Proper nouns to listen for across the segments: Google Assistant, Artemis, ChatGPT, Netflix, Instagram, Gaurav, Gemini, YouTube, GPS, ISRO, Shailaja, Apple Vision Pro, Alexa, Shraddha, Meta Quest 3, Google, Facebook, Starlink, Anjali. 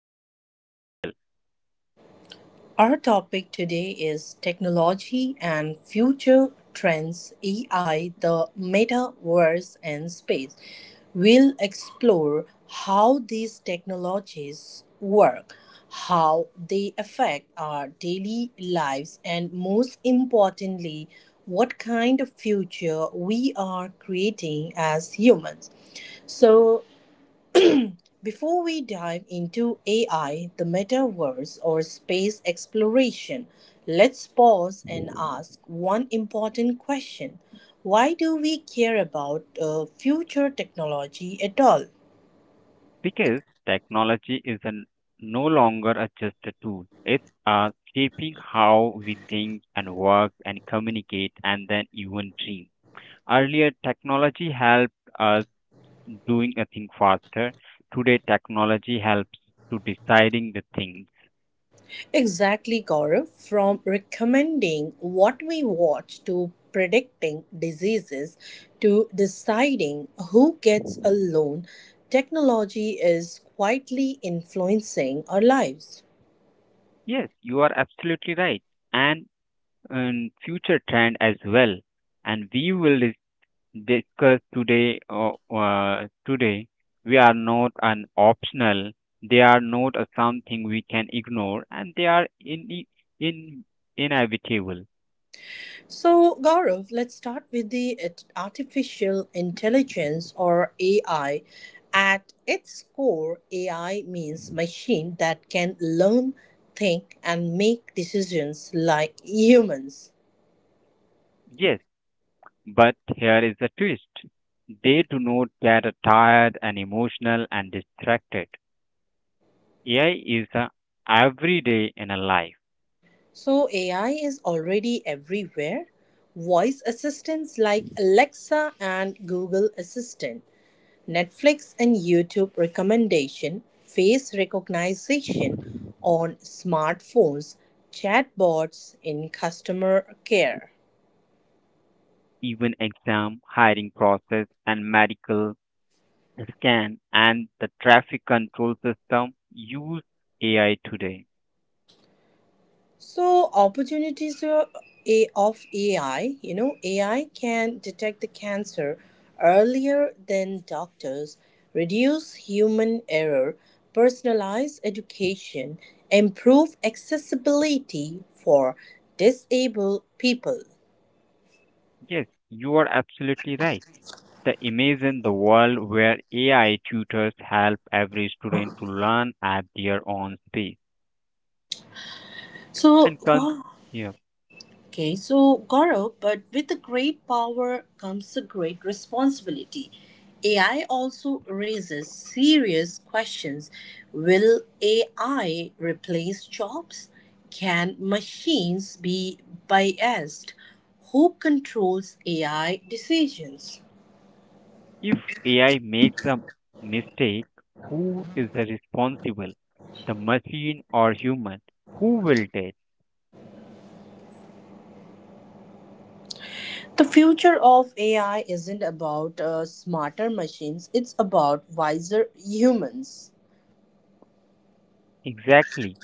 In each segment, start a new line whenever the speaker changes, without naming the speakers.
it is very real
Our topic today is technology and future trends, AI, the metaverse, and space. We'll explore how these technologies work, how they affect our daily lives, and most importantly, what kind of future we are creating as humans. So, before we dive into AI, the metaverse, or space exploration, let's pause and ask one important question. Why do we care about future technology at all?
because technology is no longer just a tool. It's shaping how we think and work and communicate and then even dream. Earlier, technology helped us doing a thing faster. Today, technology helps to deciding the thing.
Exactly, Gaurav. From recommending what we watch to predicting diseases to deciding who gets a loan, technology is quietly influencing our lives.
Yes, you are absolutely right. And future trend as well. And discuss today. Today, we are not an optional. They are not a something we can ignore, and they are in inevitable.
So, Gaurav, let's start with the artificial intelligence or AI. At its core, AI means machine that can learn, think, and make decisions like humans.
Yes, but here is the twist, they do not get tired and emotional and distracted. AI is a everyday in a life,
So, AI is already everywhere. Voice assistants like Alexa and Google Assistant, Netflix and YouTube recommendation, face recognition on smartphones, chatbots in customer care.
even exam, hiring process, and medical scan, and the traffic control system use AI today.
So opportunities of AI, you know, AI can detect the cancer earlier than doctors, reduce human error, personalize education, improve accessibility for disabled people.
Yes, you are absolutely right. The imagine the world where AI tutors help every student to learn at their own pace
So,
and
Gaurav,
yeah.
Okay, so Gaurav, but with the great power comes a great responsibility. AI also raises serious questions. Will AI replace jobs? Can machines be biased? Who controls AI decisions?
If AI makes a mistake, who is the responsible? The machine or human? Who will tell?
The future of AI isn't about smarter machines, it's about wiser humans.
Exactly.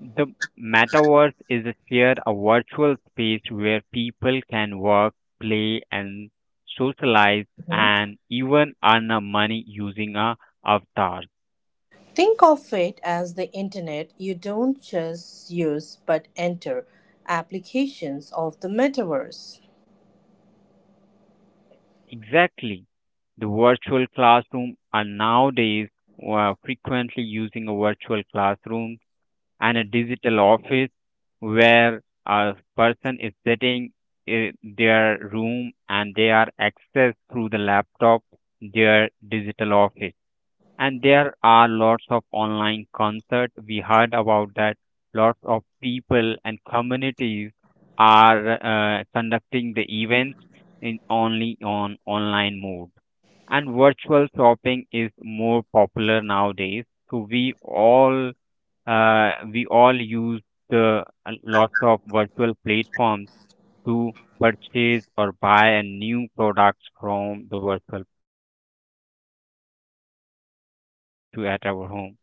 The metaverse is a shared a virtual space where people can work, play and socialize and even earn a money using a avatar.
Think of it as the internet you don't just use but enter applications of the metaverse.
Exactly. The virtual classroom are nowadays frequently using a virtual classroom and a digital office where a person is sitting in their room and they are accessed through the laptop, their digital office. And there are lots of online concert. We heard about that. Lots of people and communities are conducting the events in only on online mode. And virtual shopping is more popular nowadays. So we all use the lots of virtual platforms to purchase or buy a new products from the virtual platform and the product is get delivered to at our home.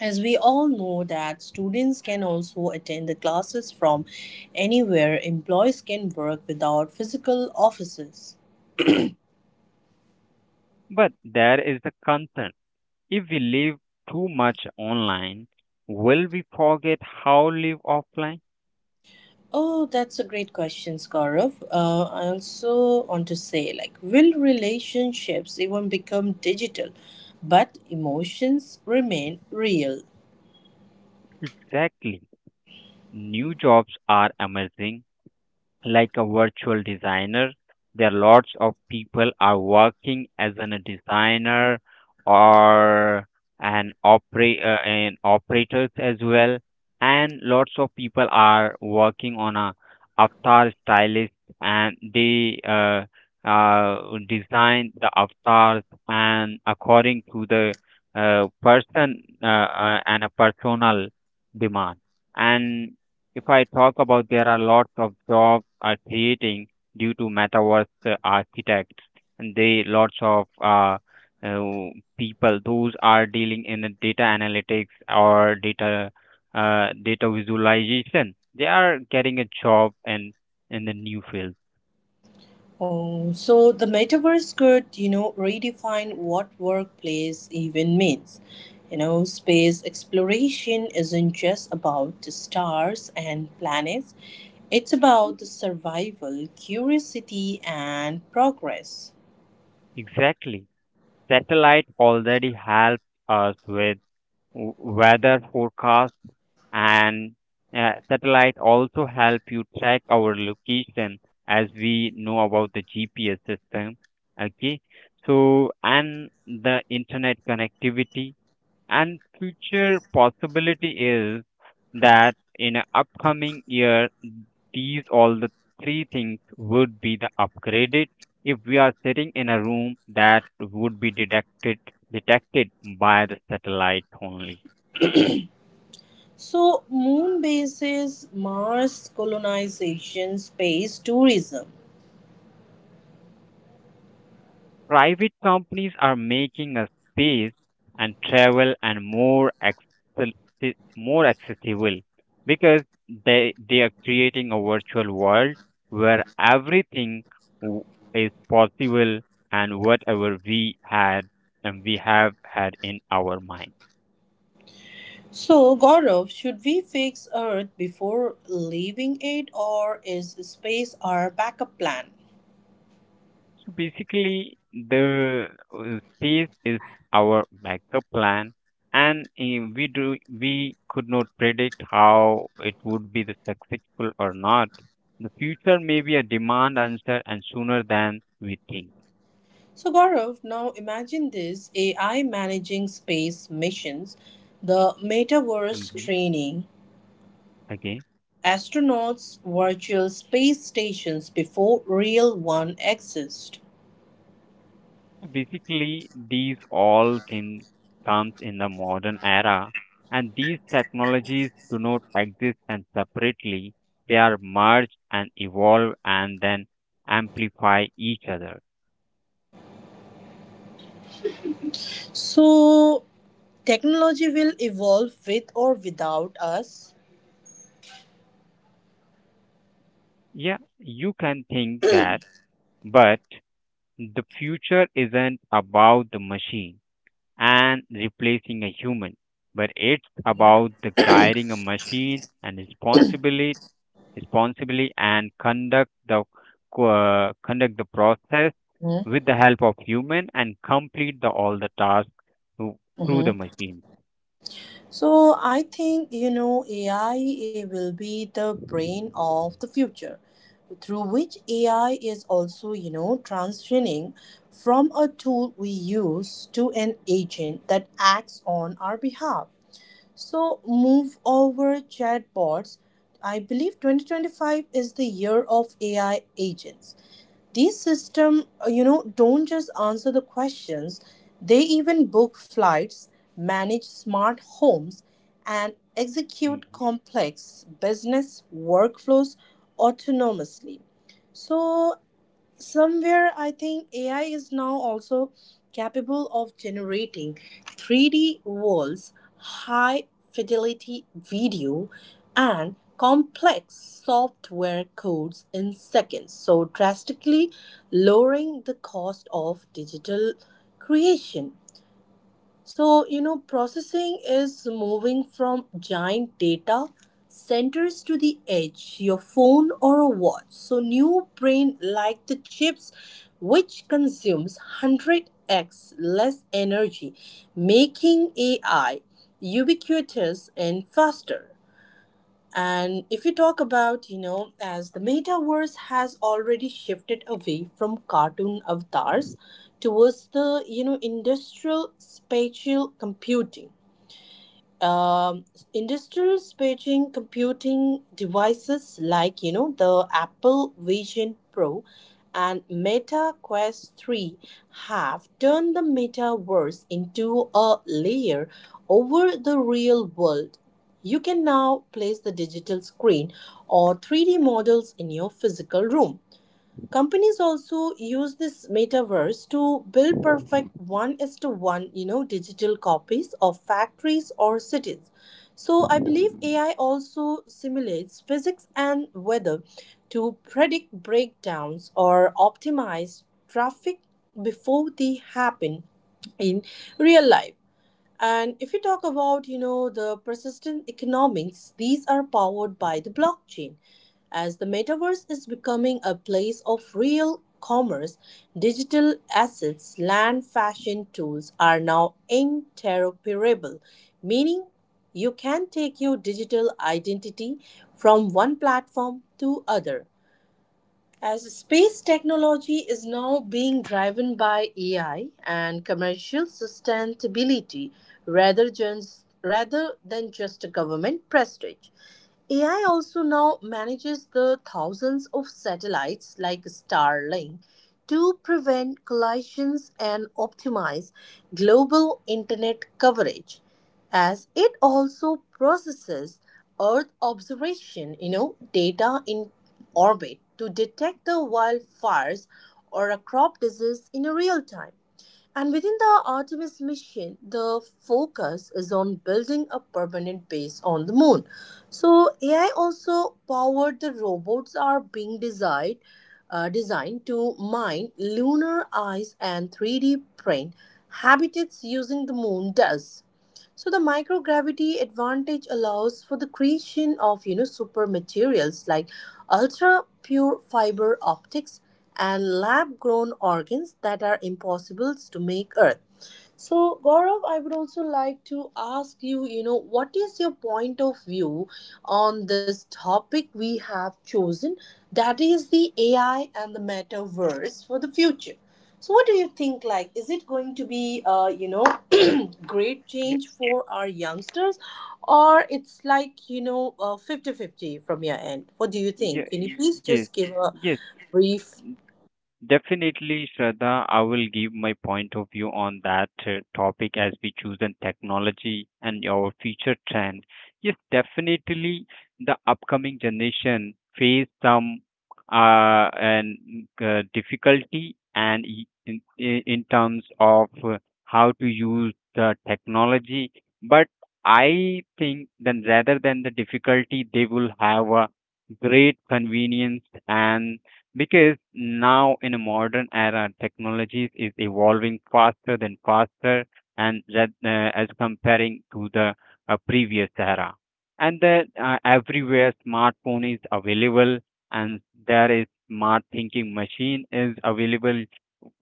As we all know that students can also attend the classes from anywhere, employees can work without physical offices.
But there is the concern, if we live too much online, will we forget how live offline.
Oh, that's a great question, Gaurav. I also want to say, like, will relationships even become digital, but emotions remain real?
Exactly, new jobs are emerging like a virtual designer. There are lots of people are working as a designer or an operators as well, and lots of people are working on a avatar stylist and they uh, design the avatars and according to the person and a personal demand. And if I talk about there are lots of jobs are creating due to metaverse architects and they lots of uh, people those are dealing in the data analytics or data visualization they are getting a job in the new field.
Oh, so the metaverse could, you know, redefine what workplace even means. You know, space exploration isn't just about the stars and planets, it's about the survival, curiosity, and progress.
Exactly, satellite already helps us with weather forecast and satellite also help you track our location as we know about the GPS system. Okay, so and the internet connectivity and future possibility is that in a upcoming year these all the three things would be the upgraded if we are sitting in a room that would be detected by the satellite only.
So, moon bases, Mars colonization, space tourism.
Private companies are making a space and travel and more accessible because they are creating a virtual world where everything w- is possible and whatever we have had in our mind.
So, Gaurav, should we fix Earth before leaving it, or is space our backup plan?
So basically, the space is our backup plan, and we could not predict how it would be the successful or not. The future may be a demand answer, and sooner than we think.
So, Gaurav, now imagine this AI managing space missions, the metaverse
Hmm.
training, astronauts' virtual space stations before real one exist.
Basically, these all things comes in the modern era, and these technologies do not exist and separately. They are merged and evolve and then amplify each other.
So, technology will evolve with or without us.
Yeah, you can think that, but the future isn't about the machine and replacing a human, but it's about the guiding a machine and responsibility responsibly and conduct the process with the help of human and complete the all the tasks through through the
Mhm.
machine.
So I think you know AI it will be the brain of the future through which AI is also you know transitioning from a tool we use to an agent that acts on our behalf. So move over chatbots. I believe 2025 is the year of AI agents, these system, don't just answer the questions. They even book flights, manage smart homes, and execute
Mhm.
complex business workflows autonomously. So somewhere I think AI is now also capable of generating 3D walls, high fidelity video, and complex software codes in seconds, so drastically lowering the cost of digital creation. So, you know, processing is moving from giant data centers to the edge, your phone or a watch. So, new brain like the chips, which consumes 100x less energy, making AI ubiquitous and faster. And if you talk about, you know, as the metaverse has already shifted away from cartoon avatars towards the, you know, industrial spatial computing um, industrial spaging computing devices like you know the Apple Vision Pro and Meta Quest 3 have turned the metaverse into a layer over the real world. You can now place the digital screen or 3D models in your physical room. Companies also use this metaverse to build perfect one is to one, you know, digital copies of factories or cities. So I believe AI also simulates physics and weather to predict breakdowns or optimize traffic before they happen in real life. And if you talk about, you know, the persistent economics, these are powered by the blockchain. As the metaverse is becoming a place of real commerce, digital assets, land fashion tools are now interoperable, meaning you can take your digital identity from one platform to other, as space technology is now being driven by AI and commercial sustainability, rather than just a government prestige. AI also now manages the thousands of satellites like Starlink to prevent collisions and optimize global internet coverage, as it also processes earth observation, you know, data in orbit to detect the wildfires or a crop disease in real time. And within the Artemis mission, the focus is on building a permanent base on the moon. So AI also powered the robots are being designed to mine lunar ice and 3D print habitats using the moon dust. So the microgravity advantage allows for the creation of, you know, super materials like ultra pure fiber optics and lab grown organs that are impossible to make earth. So, Gaurav, I would also like to ask you, you know, what is your point of view on this topic we have chosen, that is the AI and the metaverse for the future. So what do you think, like, is it going to be great
Ye-
change for our youngsters, or it's like you know 50-50 from your end? What do you think?
ye-
Can you
y-
please
Yes,
just give a
yes.
brief?
Definitely, Shraddha, I will give my point of view on that topic as we choose in technology and our future trend. Yes, definitely, the upcoming generation face some and difficulty and I- in terms of how to use the technology. But I think then rather than the difficulty, they will have a great convenience and because now in a modern era technologies is evolving faster than faster and that as comparing to the previous era and that everywhere smartphone is available and there is smart thinking machine is available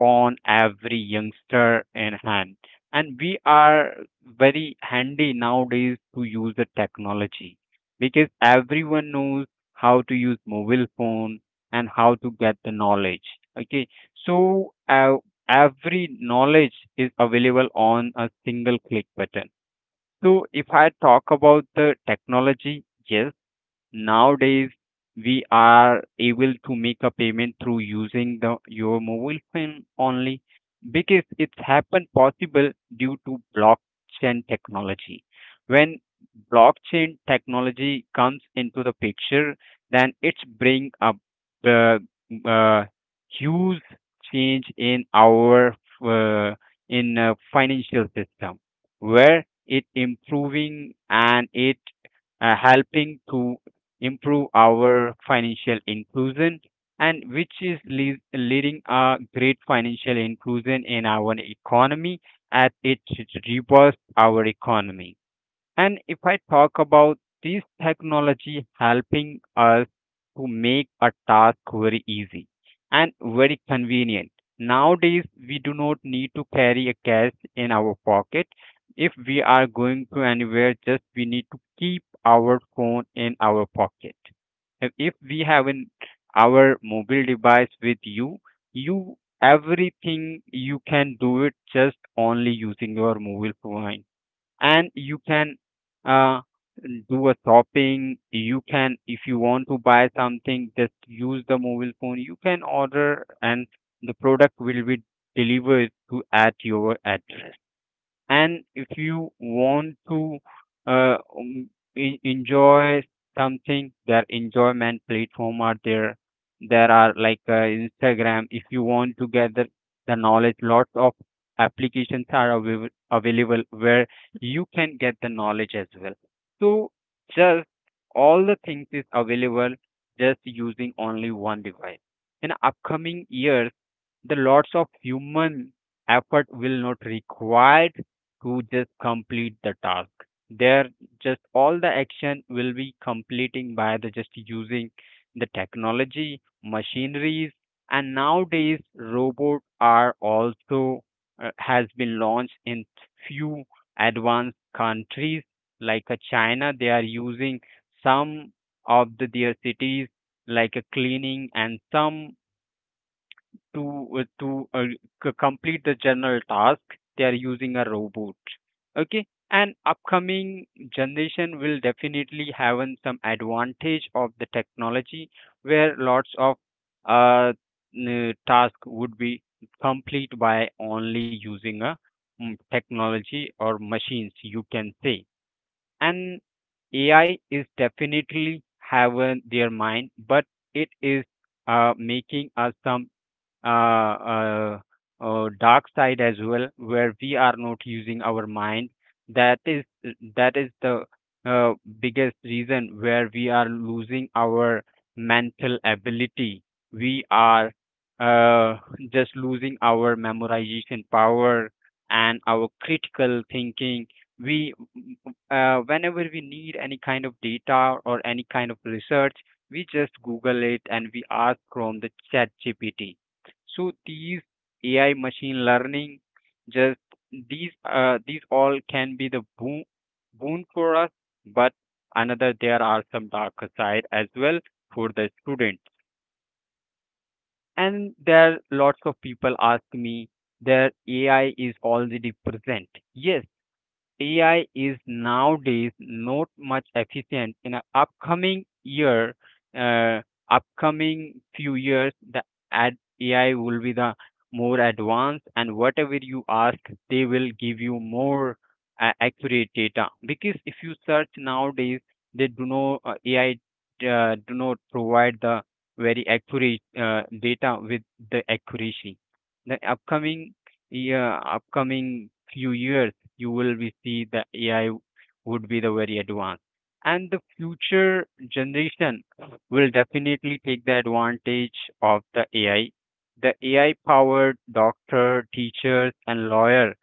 on every youngster in hand and we are very handy nowadays to use the technology because everyone knows how to use mobile phone and how to get the knowledge. Okay, so every knowledge is available on a single click button. So if I talk about the technology, yes, nowadays, we are able to make a payment through using the your mobile phone only because it's happened possible due to blockchain technology. When blockchain technology comes into the picture, then it's bring a uh, uh, huge change in our uh, in financial system where it improving and it helping to improve our financial inclusion and which is leading a great financial inclusion in our economy as it should robust our economy. And if I talk about this technology helping us to make a task very easy and very convenient. Nowadays, we do not need to carry a cash in our pocket. If we are going to anywhere, just we need to keep our phone in our pocket. And if we have our mobile device with you everything you can do it just only using your mobile phone and you can uh, do a shopping, you can if you want to buy something just use the mobile phone you can order and the product will be delivered to at your address. And if you want to uh, um, enjoy something, their enjoyment platform are there. There are like Instagram. If you want to gather the knowledge, lots of applications are available where you can get the knowledge as well. So just all the things is available just using only one device. In upcoming years, the lots of human effort will not required to just complete the task there just all the action will be completing by the just using the technology machineries. And nowadays robot are also has been launched in few advanced countries like china they are using some of the their cities like a cleaning and some to uh, to uh, complete the general task they are using a robot. Okay, and upcoming generation will definitely have some advantage of the technology where lots of uh, task would be complete by only using a technology or machines you can say. And AI is definitely have their mind but it is making us some uh, uh, dark side as well, where we are not using our mind. That is that is the uh, biggest reason where we are losing our mental ability. We are uh, just losing our memorization power and our critical thinking. We whenever we need any kind of data or any kind of research, we just Google it and we ask from the chat GPT. So these AI machine learning, just these all can be the boon for us, but another there are some darker side as well for the student. And there lots of people ask me their AI is already present. Yes, AI is nowadays not much efficient. In a upcoming year, uh, upcoming few years, the ad AI will be the more advanced, and whatever you ask, they will give you more accurate data. Because if you search nowadays, they do not AI do not provide the very accurate data with the accuracy. The upcoming year, upcoming few years you will be see the AI would be the very advanced. And the future generation will definitely take the advantage of the AI. The AI powered doctor, teachers, and lawyer,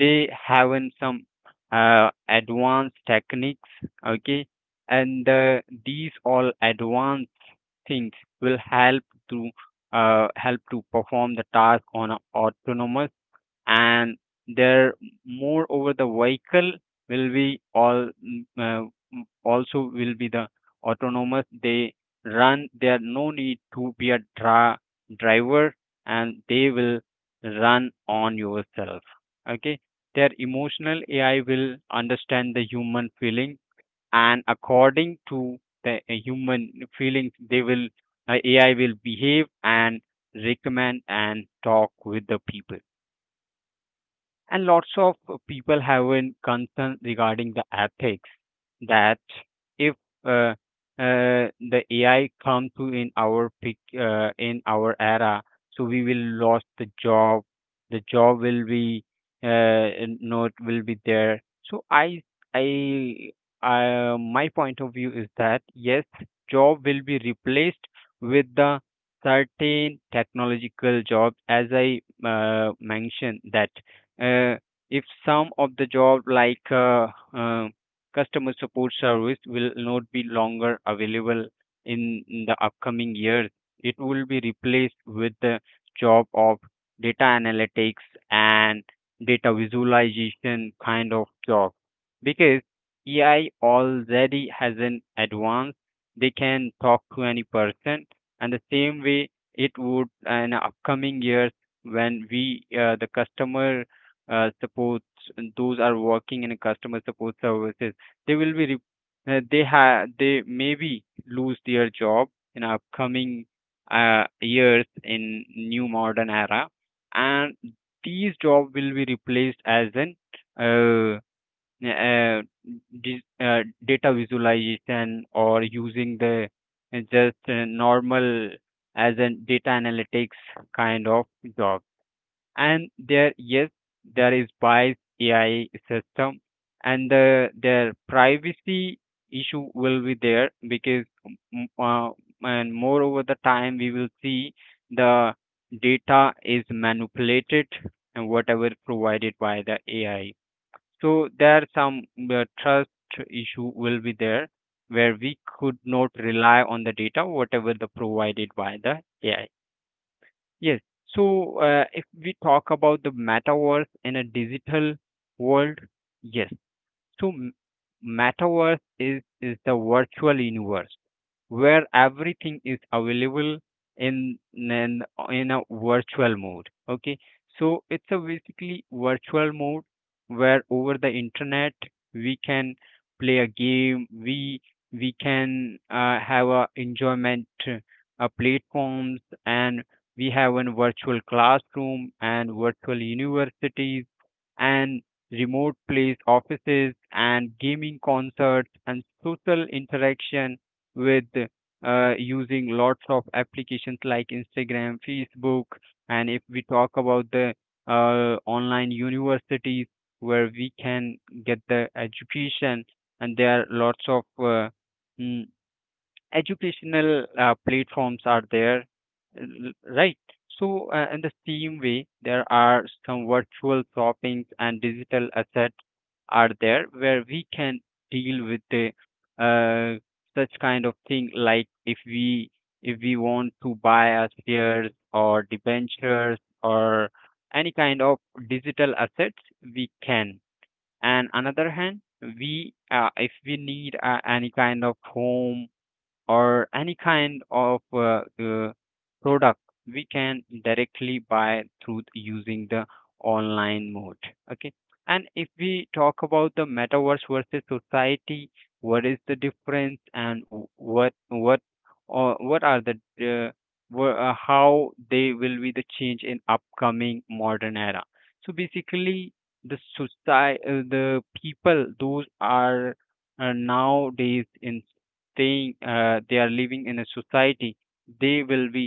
they have in some advanced techniques, okay, and these all advanced things will help to help to perform the task on a autonomous and there moreover the vehicle will be all also will be the autonomous they run there no need to be a driver and they will run on yourself. Okay, their emotional AI will understand the human feeling and according to the human feelings they will AI will behave and recommend and talk with the people. And lots of people have a concern regarding the ethics that if uh, uh, the AI come to in our in our era, so we will lost the job. The job will be uh, not will be there. So I My point of view is that yes, job will be replaced with the certain technological jobs as I mentioned that uh, if some of the job like uh, customer support service will not be longer available in the upcoming years. It will be replaced with the job of data analytics and data visualization kind of job because ai already has an advance. They can talk to any person and the same way it would in upcoming years when we the customer support and those are working in a customer support services, they will be they have they maybe lose their job in upcoming years in new modern era. And these job will be replaced as an uh, uh, data visualization or using the just normal as a data analytics kind of job. And there, yes, there is bias ai system and the their privacy issue will be there because and moreover the time we will see the data is manipulated and whatever provided by the ai. So there some trust issue will be there where we could not rely on the data whatever the provided by the ai. Yes. So, if we talk about the metaverse in a digital world, yes, so metaverse is the virtual universe where everything is available in in a virtual mode. Okay, so it's a basically virtual mode where over the internet we can play a game. We can have a enjoyment platforms, and we have a virtual classroom and virtual universities and remote place offices and gaming concerts and social interaction with using lots of applications like Instagram, Facebook. And if we talk about the online universities where we can get the education, and there are lots of mm, educational platforms are there, right? So, in the same way, there are some virtual shopping and digital assets are there where we can deal with the uh, such kind of thing. Like if we want to buy a shares or debentures or any kind of digital assets, we can. And another hand, we if we need any kind of home or any kind of product, we can directly buy through using the online mode. Okay. And if we talk about the metaverse versus society, what is the difference and what or what are the uh, how they will be the change in upcoming modern era. So basically the society, the people those are nowadays in they are living in a society, they will be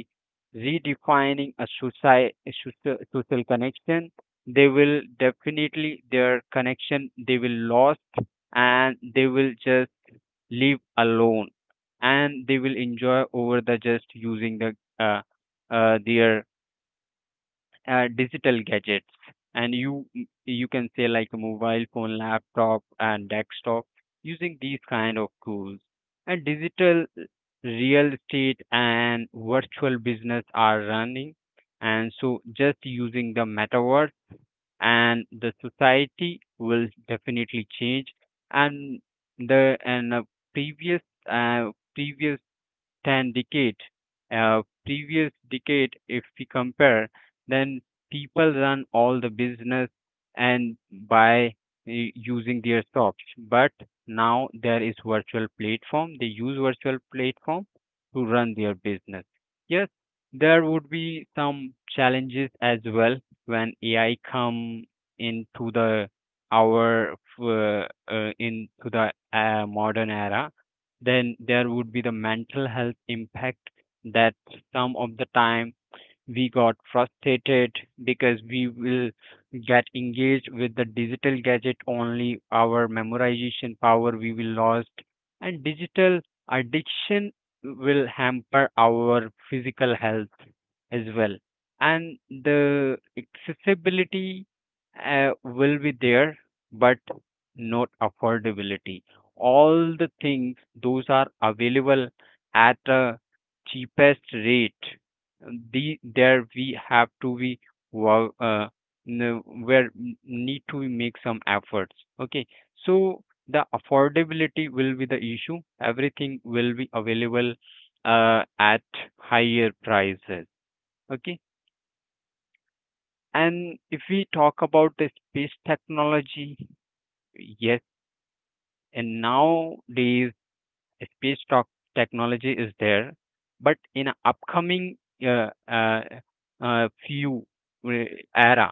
redefining a society, social connection, they will definitely their connection they will lost, and they will just live alone, and they will enjoy over the just using the uh, their digital gadgets. And you can say like a mobile phone, laptop, and desktop, using these kind of tools. And digital real estate and virtual business are running, and so just using the metaverse, and the society will definitely change. And the and previous uh, previous 10 decade, previous decade if we compare, then people run all the business and by using their shops. But now there is virtual platform, they use virtual platform to run their business. Yes, there would be some challenges as well. When ai come into our f- uh, into the modern era, then there would be the mental health impact. That some of the time we got frustrated because we will get engaged with the digital gadget only, our memorization power we will lost. And digital addiction will hamper our physical health as well. And the accessibility will be there, but not affordability. All the things those are available at a cheapest rate, the there we have to be wo- uh, where need to make some efforts. Okay, so the affordability will be the issue, everything will be available at higher prices. Okay. And if we talk about the space technology, yes, and nowadays space talk technology is there. But in a upcoming uh, uh, few uh, era,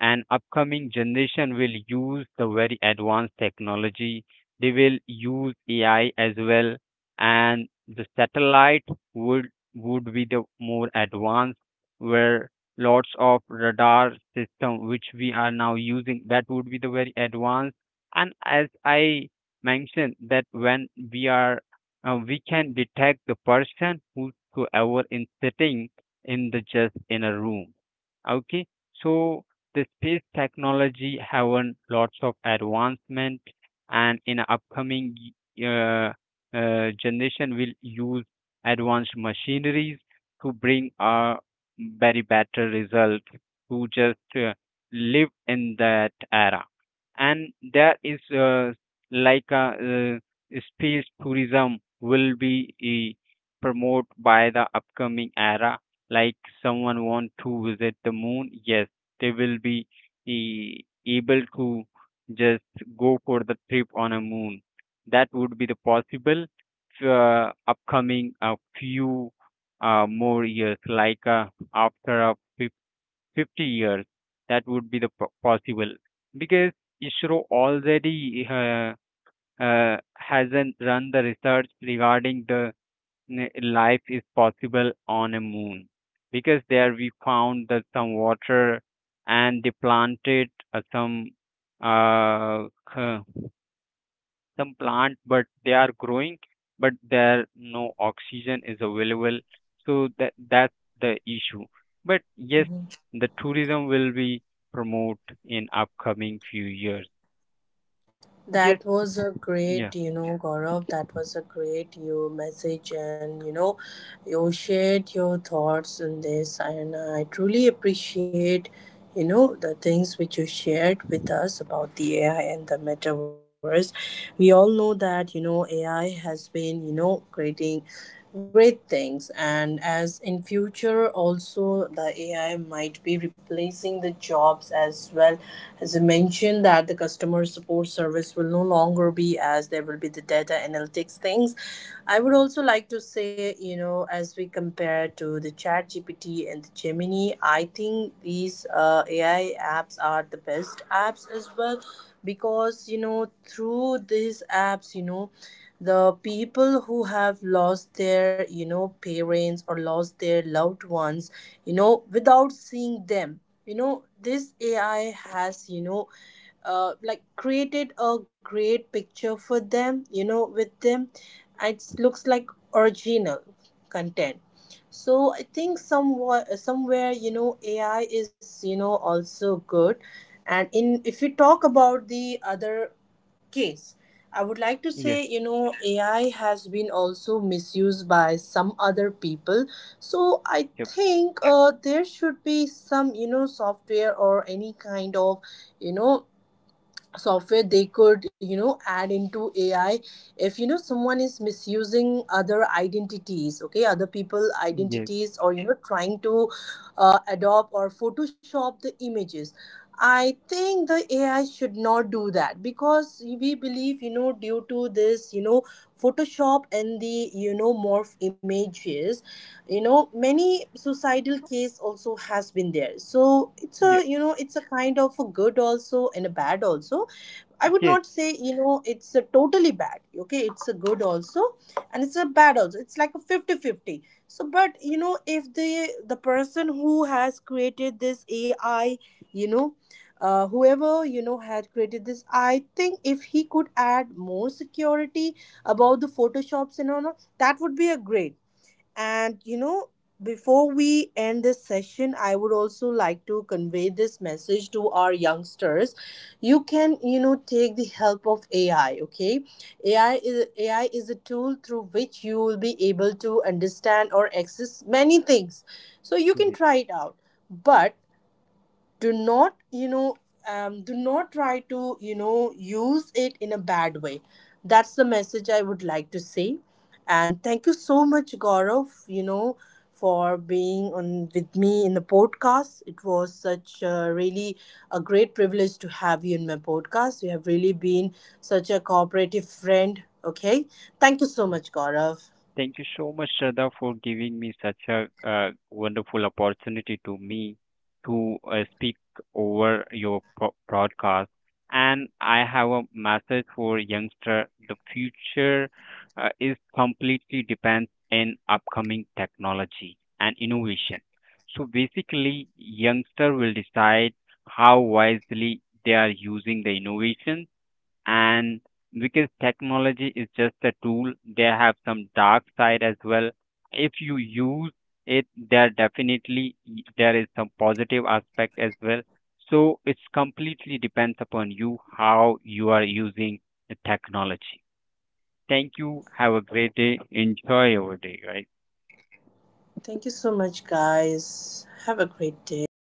and upcoming generation will use the very advanced technology. They will use ai as well. And the satellite would would be the more advanced, where lots of radar system which we are now using, that would be the very advanced. And as I mentioned that when we can detect the person whosoever is sitting in the just in a room. Okay. So the space technology having lots of advancement, and in upcoming uh, generation will use advanced machineries to bring a very better result, to just live in that era. And there is like a space tourism will be eh, promote by the upcoming era. Like someone want to visit the moon, yes, they will be able to just go for the trip on a moon. That would be the possible upcoming a few more years, like after 50 years, that would be the possible, because ISRO already hasn't run the research regarding the life is possible on a moon. Because there we found that some water, and they planted some uh, k- some plant but they are growing, but there no oxygen is available. So that's the issue. But yes, the tourism will be promote in upcoming few years. Yes.
That was a
Yeah.
great, you know, Gaurav, that was a great you message, and you know, you shared your thoughts on this, and I truly appreciate, you know, the things which you shared with us about the AI and the metaverse. We all know that, you know, AI has been, you know, creating great things, and as in future also the AI might be replacing the jobs as well, as you mentioned that the customer support service will no longer be, as there will be the data analytics things. I would
Mm.
also like to say, you know, as we compare to the chat GPT and the Gemini, I think these AI apps are the best apps as well, because you know through these apps, you know, the people who have lost their, you know, parents or lost their loved ones, you know, without seeing them, you know, this AI has, you know, like created a great picture for them, you know, with them. It looks like original content. So I think somewhere, you know, AI is, you know, also good. And in, if you talk about the other case, I would like to
Yes.
say, you know, AI has been also misused by some other people. So I
Yep.
think there should be some, you know, software or any kind of, you know, software they could, you know, add into AI, if you know someone is misusing other identities, okay, other people
Yes.
identities, or you know trying to adopt or photoshop the images. I think the AI should not do that, because we believe, you know, due to this, you know, photoshop and the, you know, morph images, you know, many suicidal case also has been there, so it's a,
Yeah.
you know, it's a kind of a good also and a bad also. I would
Yes.
not say, you know, it's a totally bad. Okay, it's a good also, and it's a bad also. It's like a 50-50. So, but you know, if the person who has created this AI, you know, whoever you know had created this, I think if he could add more security about the photoshops and all, that would be a great. And you know, before we end this session, I would also like to convey this message to our youngsters. You can, you know, take the help of AI, okay? AI is a tool through which you will be able to understand or access many things. So you can
Yes.
try it out. But do not, you know, do not try to, you know, use it in a bad way. That's the message I would like to say. And thank you so much, Gaurav, you know, for being on with me in the podcast. It was such a really a great privilege to have you in my podcast. You have really been such a cooperative friend. Okay. Thank you so much, Gaurav.
Thank you so much, Shraddha, for giving me such a wonderful opportunity to me to speak over your broadcast. And I have a message for youngster. The future is completely depends in upcoming technology and innovation. So basically, youngster will decide how wisely they are using the innovations, and because technology is just a tool, they have some dark side as well. If you use it, there definitely there is some positive aspect as well. So it's completely depends upon you how you are using the technology. Thank you. Have a great day. Enjoy your day, guys.
Thank you so much, guys. Have a great day.